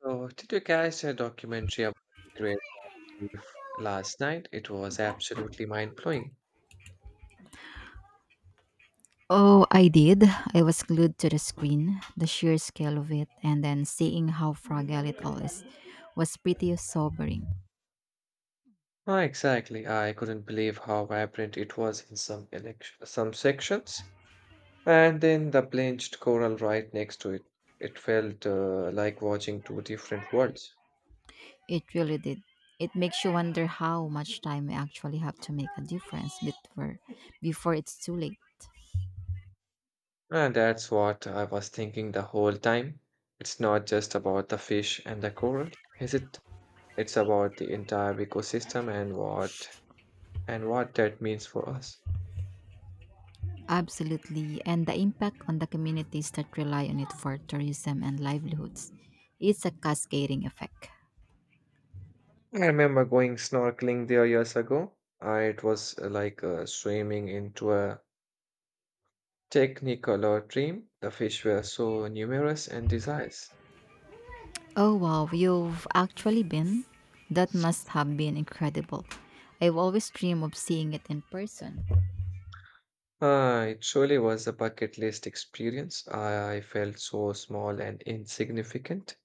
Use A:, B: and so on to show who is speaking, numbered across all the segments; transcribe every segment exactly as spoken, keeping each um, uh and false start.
A: So, did you catch a documentary about the Great Reef last night? It was absolutely mind-blowing.
B: Oh, I did. I was glued to the screen, the sheer scale of it, and then seeing how fragile it all is was pretty sobering.
A: Oh, exactly. I couldn't believe how vibrant it was in some elect- some sections, and then the bleached coral right next to it. It felt uh, like watching two different worlds.
B: It really did. It makes you wonder how much time we actually have to make a difference before, before it's too late.
A: And that's what I was thinking the whole time. It's not just about the fish and the coral, is it? It's about the entire ecosystem and what and what that means for us.
B: Absolutely, and the impact on the communities that rely on it for tourism and livelihoods. It's a cascading effect.
A: I remember going snorkeling there years ago. Uh, it was uh, like uh, swimming into a technicolor dream. The fish were so numerous and diverse.
B: Oh wow, you've actually been? That must have been incredible. I've always dreamed of seeing it in person.
A: Uh, it surely was a bucket list experience. I felt so small and insignificant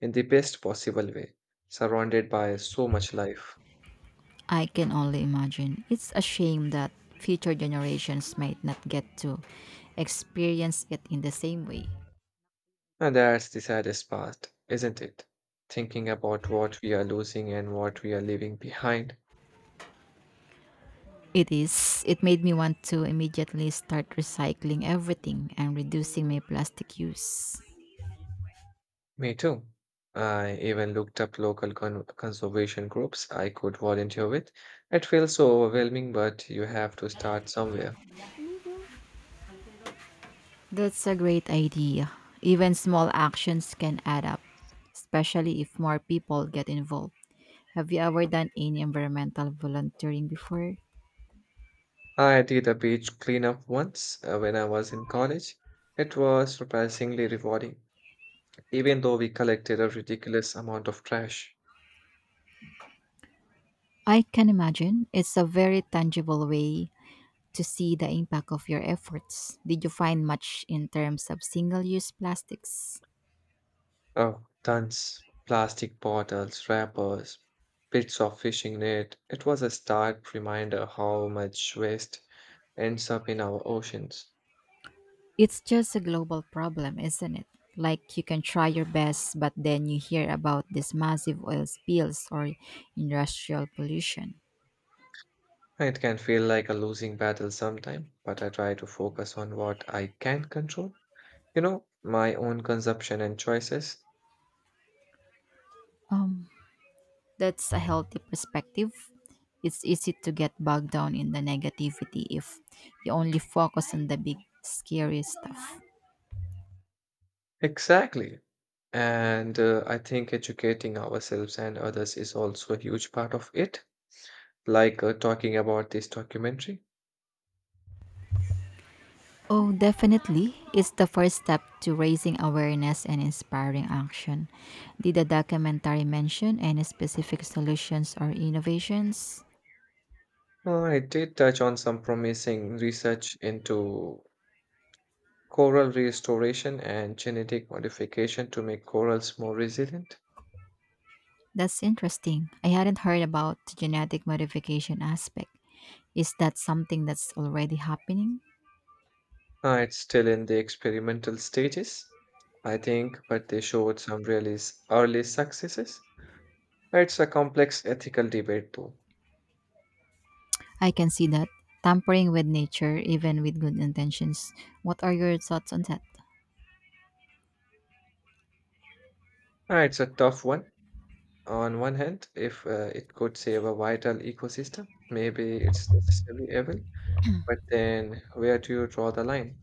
A: in the best possible way, surrounded by so much life.
B: I can only imagine. It's a shame that future generations might not get to experience it in the same way.
A: And that's the saddest part, isn't it? Thinking about what we are losing and what we are leaving behind.
B: It is. It made me want to immediately start recycling everything and reducing my plastic use.
A: Me too. I even looked up local con conservation groups I could volunteer with. It feels so overwhelming, but you have to start somewhere.
B: That's a great idea. Even small actions can add up, especially if more people get involved. Have you ever done any environmental volunteering before?
A: I did a beach cleanup once uh, when I was in college. It was surprisingly rewarding, even though we collected a ridiculous amount of trash.
B: I can imagine. It's a very tangible way to see the impact of your efforts. Did you find much in terms of single use plastics?
A: Oh, tons. Plastic bottles, wrappers, bits of fishing net. It was a stark reminder how much waste ends up in our oceans.
B: It's just a global problem, isn't it? Like you can try your best, but then you hear about these massive oil spills or industrial pollution.
A: It can feel like a losing battle sometime, but I try to focus on what I can control. You know, my own consumption and choices.
B: Um, That's a healthy perspective. It's easy to get bogged down in the negativity if you only focus on the big, scary stuff.
A: Exactly. And uh, I think educating ourselves and others is also a huge part of it, like uh, talking about this documentary.
B: Oh, definitely. It's the first step to raising awareness and inspiring action. Did the documentary mention any specific solutions or innovations?
A: Uh, it did touch on some promising research into coral restoration and genetic modification to make corals more resilient.
B: That's interesting. I hadn't heard about the genetic modification aspect. Is that something that's already happening?
A: Uh, it's still in the experimental stages, I think, but they showed some really s- early successes. It's a complex ethical debate, though.
B: I can see that. Tampering with nature, even with good intentions. What are your thoughts on that?
A: Uh, it's a tough one. On one hand, if uh, it could save a vital ecosystem, maybe it's necessary evil. But then, where do you draw the line?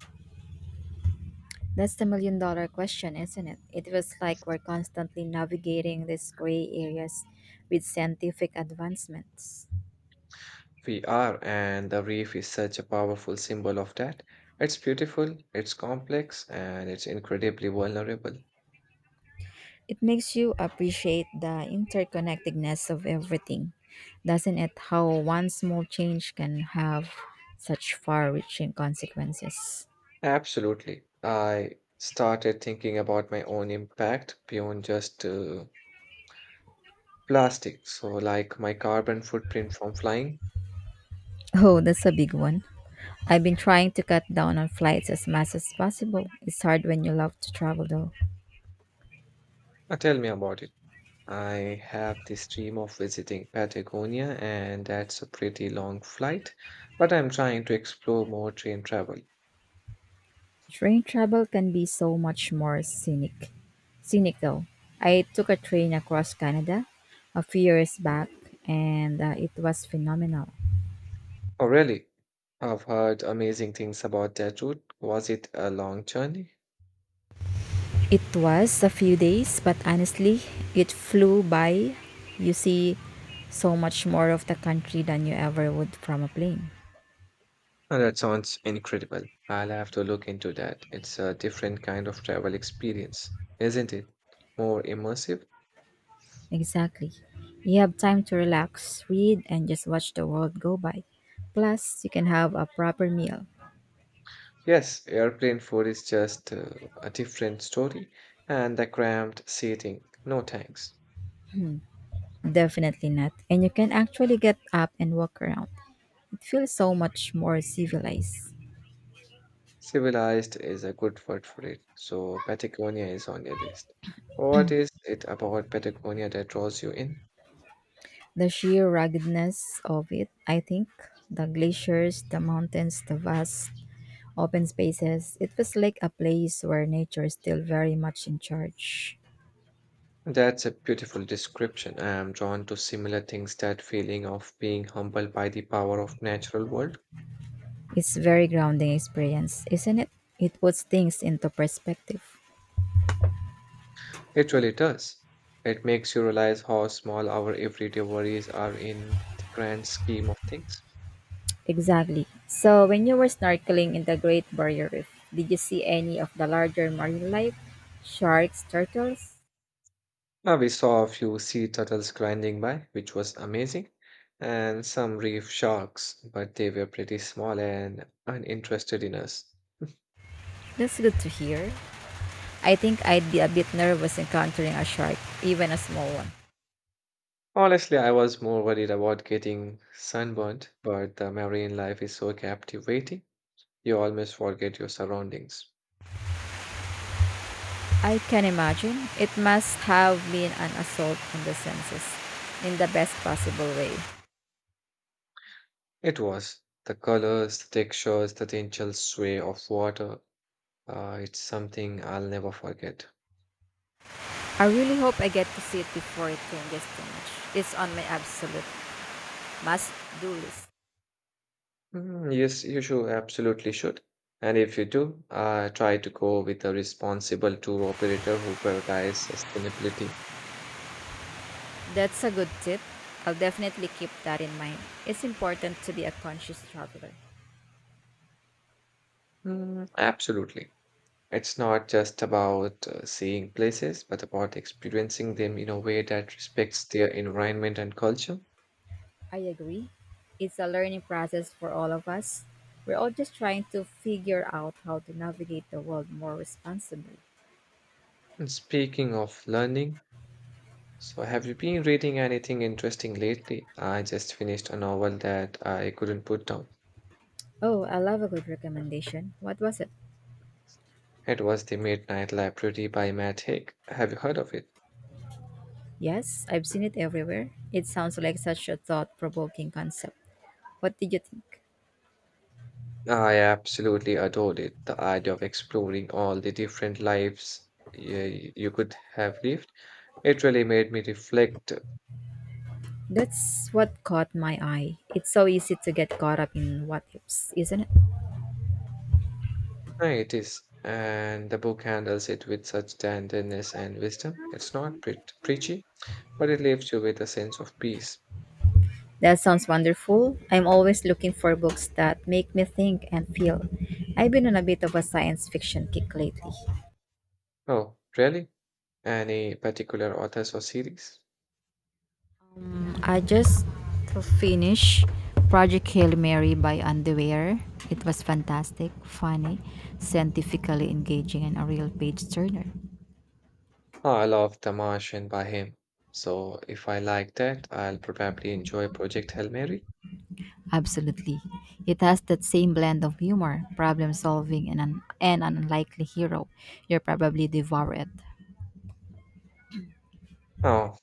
B: That's the million dollar question, isn't it? It feels like we're constantly navigating these gray areas with scientific advancements.
A: We are, and the reef is such a powerful symbol of that. It's beautiful, it's complex, and it's incredibly vulnerable.
B: It makes you appreciate the interconnectedness of everything, doesn't it? How one small change can have such far reaching consequences.
A: Absolutely. I started thinking about my own impact beyond just uh, plastic. So, like my carbon footprint from flying.
B: Oh, that's a big one. I've been trying to cut down on flights as much as possible. It's hard when you love to travel though.
A: Uh, tell me about it. I have this dream of visiting Patagonia, and that's a pretty long flight, but I'm trying to explore more train travel.
B: Train travel can be so much more scenic. Scenic though. I took a train across Canada a few years back and uh, it was phenomenal.
A: Oh, really? I've heard amazing things about that route. Was it a long journey?
B: It was a few days, but honestly, it flew by. You see so much more of the country than you ever would from a plane.
A: Oh, that sounds incredible. I'll have to look into that. It's a different kind of travel experience, isn't it? More immersive?
B: Exactly. You have time to relax, read, and just watch the world go by. Plus, you can have a proper meal.
A: Yes, airplane food is just uh, a different story, and the cramped seating. No thanks.
B: Definitely not. And you can actually get up and walk around. It feels so much more civilized.
A: Civilized is a good word for it, so Patagonia is on your list. What is it about Patagonia that draws you in?
B: The sheer ruggedness of it, I think, the glaciers, the mountains, the vast open spaces, it was like a place where nature is still very much in charge.
A: That's a beautiful description. I am drawn to similar things, that feeling of being humbled by the power of natural world.
B: It's very grounding experience, isn't it? It puts things into perspective.
A: It really does. It makes you realize how small our everyday worries are in the grand scheme of things.
B: Exactly. So, when you were snorkeling in the Great Barrier Reef, did you see any of the larger marine life? Sharks, turtles?
A: Uh, we saw a few sea turtles grinding by, which was amazing, and some reef sharks, but they were pretty small and uninterested in us.
B: That's good to hear. I think I'd be a bit nervous encountering a shark, even a small one.
A: Honestly, I was more worried about getting sunburnt, but the marine life is so captivating, you almost forget your surroundings.
B: I can imagine. It must have been an assault on the senses in the best possible way.
A: It was the colors, the textures, the gentle sway of water. Uh, it's something I'll never forget.
B: I really hope I get to see it before it changes too much. It's on my absolute must do list.
A: Mm, yes, you should, absolutely should. And if you do, uh, try to go with a responsible tour operator who prioritizes sustainability.
B: That's a good tip. I'll definitely keep that in mind. It's important to be a conscious traveler.
A: Mm, absolutely. It's not just about uh, seeing places, but about experiencing them in a way that respects their environment and culture.
B: I agree. It's a learning process for all of us. We're all just trying to figure out how to navigate the world more responsibly.
A: And speaking of learning, so have you been reading anything interesting lately? I just finished a novel that I couldn't put down.
B: Oh, I love a good recommendation. What was it?
A: It was The Midnight Library by Matt Haig. Have you heard of it?
B: Yes, I've seen it everywhere. It sounds like such a thought provoking concept. What did you think?
A: I absolutely adored it. The idea of exploring all the different lives y- you could have lived. It really made me reflect. Uh,
B: That's what caught my eye. It's so easy to get caught up in what ifs, isn't it?
A: It is, and the book handles it with such tenderness and wisdom. It's not pre- preachy, but it leaves you with a sense of peace.
B: That sounds wonderful. I'm always looking for books that make me think and feel. I've been on a bit of a science fiction kick lately.
A: Oh, really? Any particular authors or series?
B: I just finished Project Hail Mary by Underwear. It was fantastic, funny, scientifically engaging, and a real page turner.
A: Oh, I love Tamash and Bahim. So if I like that, I'll probably enjoy Project Hail Mary.
B: Absolutely. It has that same blend of humor, problem solving, and an, and an unlikely hero. You'll probably devour it.
A: Oh,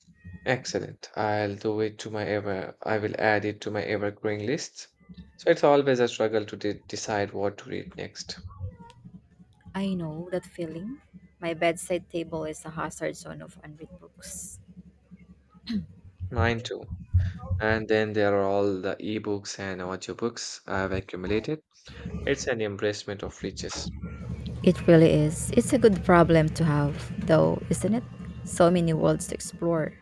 A: excellent. I'll do it to my ever, I will add it to my evergreen list. So it's always a struggle to de- decide what to read next.
B: I know that feeling. My bedside table is a hazard zone of unread books.
A: Mine too. And then there are all the ebooks and audiobooks I've accumulated. It's an embracement of riches.
B: It really is. It's a good problem to have, though, isn't it? So many worlds to explore.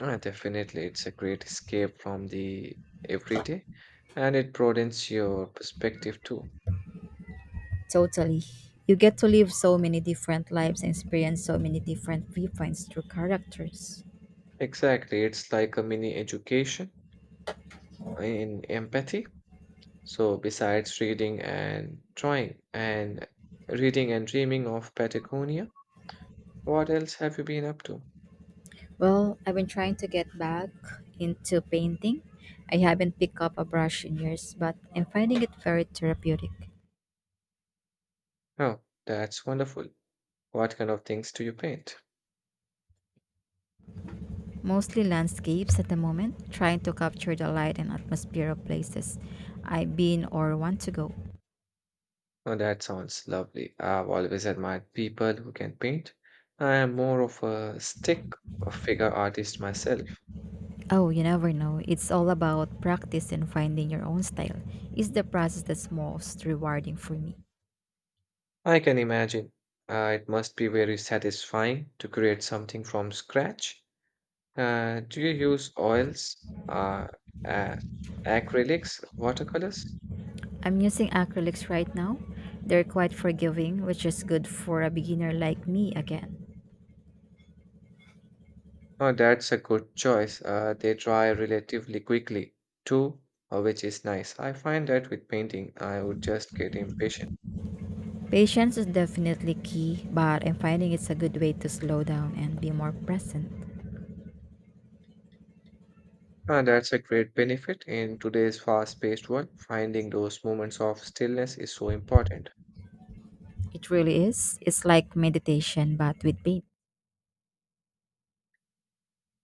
A: Ah, definitely, it's a great escape from the everyday, and it broadens your perspective too.
B: Totally. You get to live so many different lives and experience so many different viewpoints through characters.
A: Exactly. It's like a mini education in empathy. So besides reading and drawing and reading and dreaming of Patagonia, what else have you been up to?
B: Well, I've been trying to get back into painting. I haven't picked up a brush in years, but I'm finding it very therapeutic.
A: Oh, that's wonderful. What kind of things do you paint?
B: Mostly landscapes at the moment, trying to capture the light and atmosphere of places I've been or want to go.
A: Oh, that sounds lovely. I've always admired people who can paint. I am more of a stick figure artist myself.
B: Oh, you never know. It's all about practice and finding your own style. It's the process that's most rewarding for me.
A: I can imagine. Uh, it must be very satisfying to create something from scratch. Uh, do you use oils, uh, uh, acrylics, watercolors?
B: I'm using acrylics right now. They're quite forgiving, which is good for a beginner like me again.
A: Oh, that's a good choice. Uh, they dry relatively quickly too, uh, which is nice. I find that with painting, I would just get impatient.
B: Patience is definitely key, but I'm finding it's a good way to slow down and be more present.
A: Uh, that's a great benefit in today's fast-paced world. Finding those moments of stillness is so important.
B: It really is. It's like meditation, but with paint.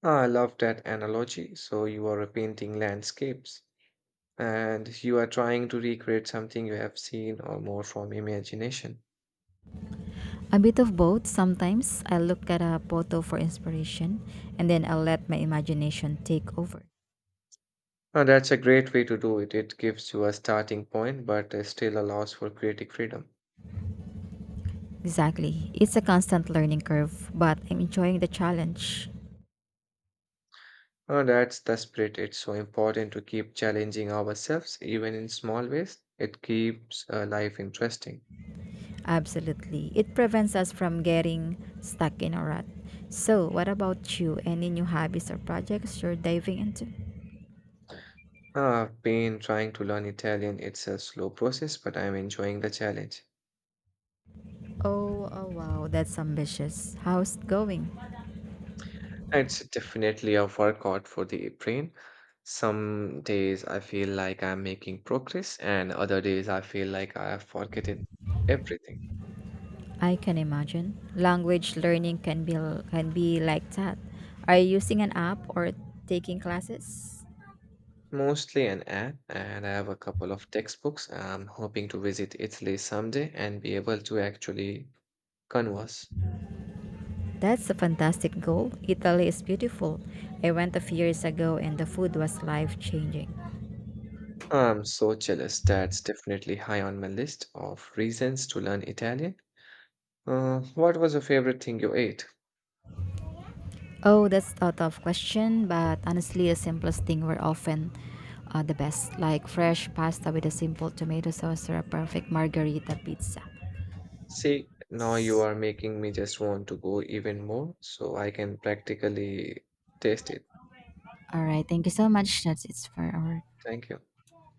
A: Uh, I love that analogy. So you are painting landscapes and you are trying to recreate something you have seen or more from imagination.
B: A bit of both. Sometimes I look at a photo for inspiration and then I'll let my imagination take over.
A: Uh, that's a great way to do it. It gives you a starting point, but uh, still allows for creative freedom.
B: Exactly. It's a constant learning curve, but I'm enjoying the challenge.
A: Uh, that's the spirit. It's so important to keep challenging ourselves, even in small ways. It keeps uh, life interesting.
B: Absolutely. It prevents us from getting stuck in a rut. So, what about you? Any new hobbies or projects you're diving into?
A: Uh, I've been trying to learn Italian. It's a slow process, but I'm enjoying the challenge.
B: Oh, oh wow, that's ambitious. How's it going?
A: It's definitely a workout for the brain. Some days I feel like I'm making progress, and other days I feel like I have forgotten everything.
B: I can imagine. Language learning can be can be like that. Are you using an app or taking classes?
A: Mostly an app, and I have a couple of textbooks. I'm hoping to visit Italy someday and be able to actually converse.
B: That's a fantastic goal. Italy is beautiful. I went a few years ago and the food was life changing.
A: I'm so jealous. That's definitely high on my list of reasons to learn Italian. Uh, what was your favorite thing you ate?
B: Oh, that's out of question, but honestly, the simplest thing were often uh, the best, like fresh pasta with a simple tomato sauce or a perfect margarita pizza.
A: See, now you are making me just want to go even more so I can practically taste it.
B: All right, thank you so much. That's it for our
A: Thank you.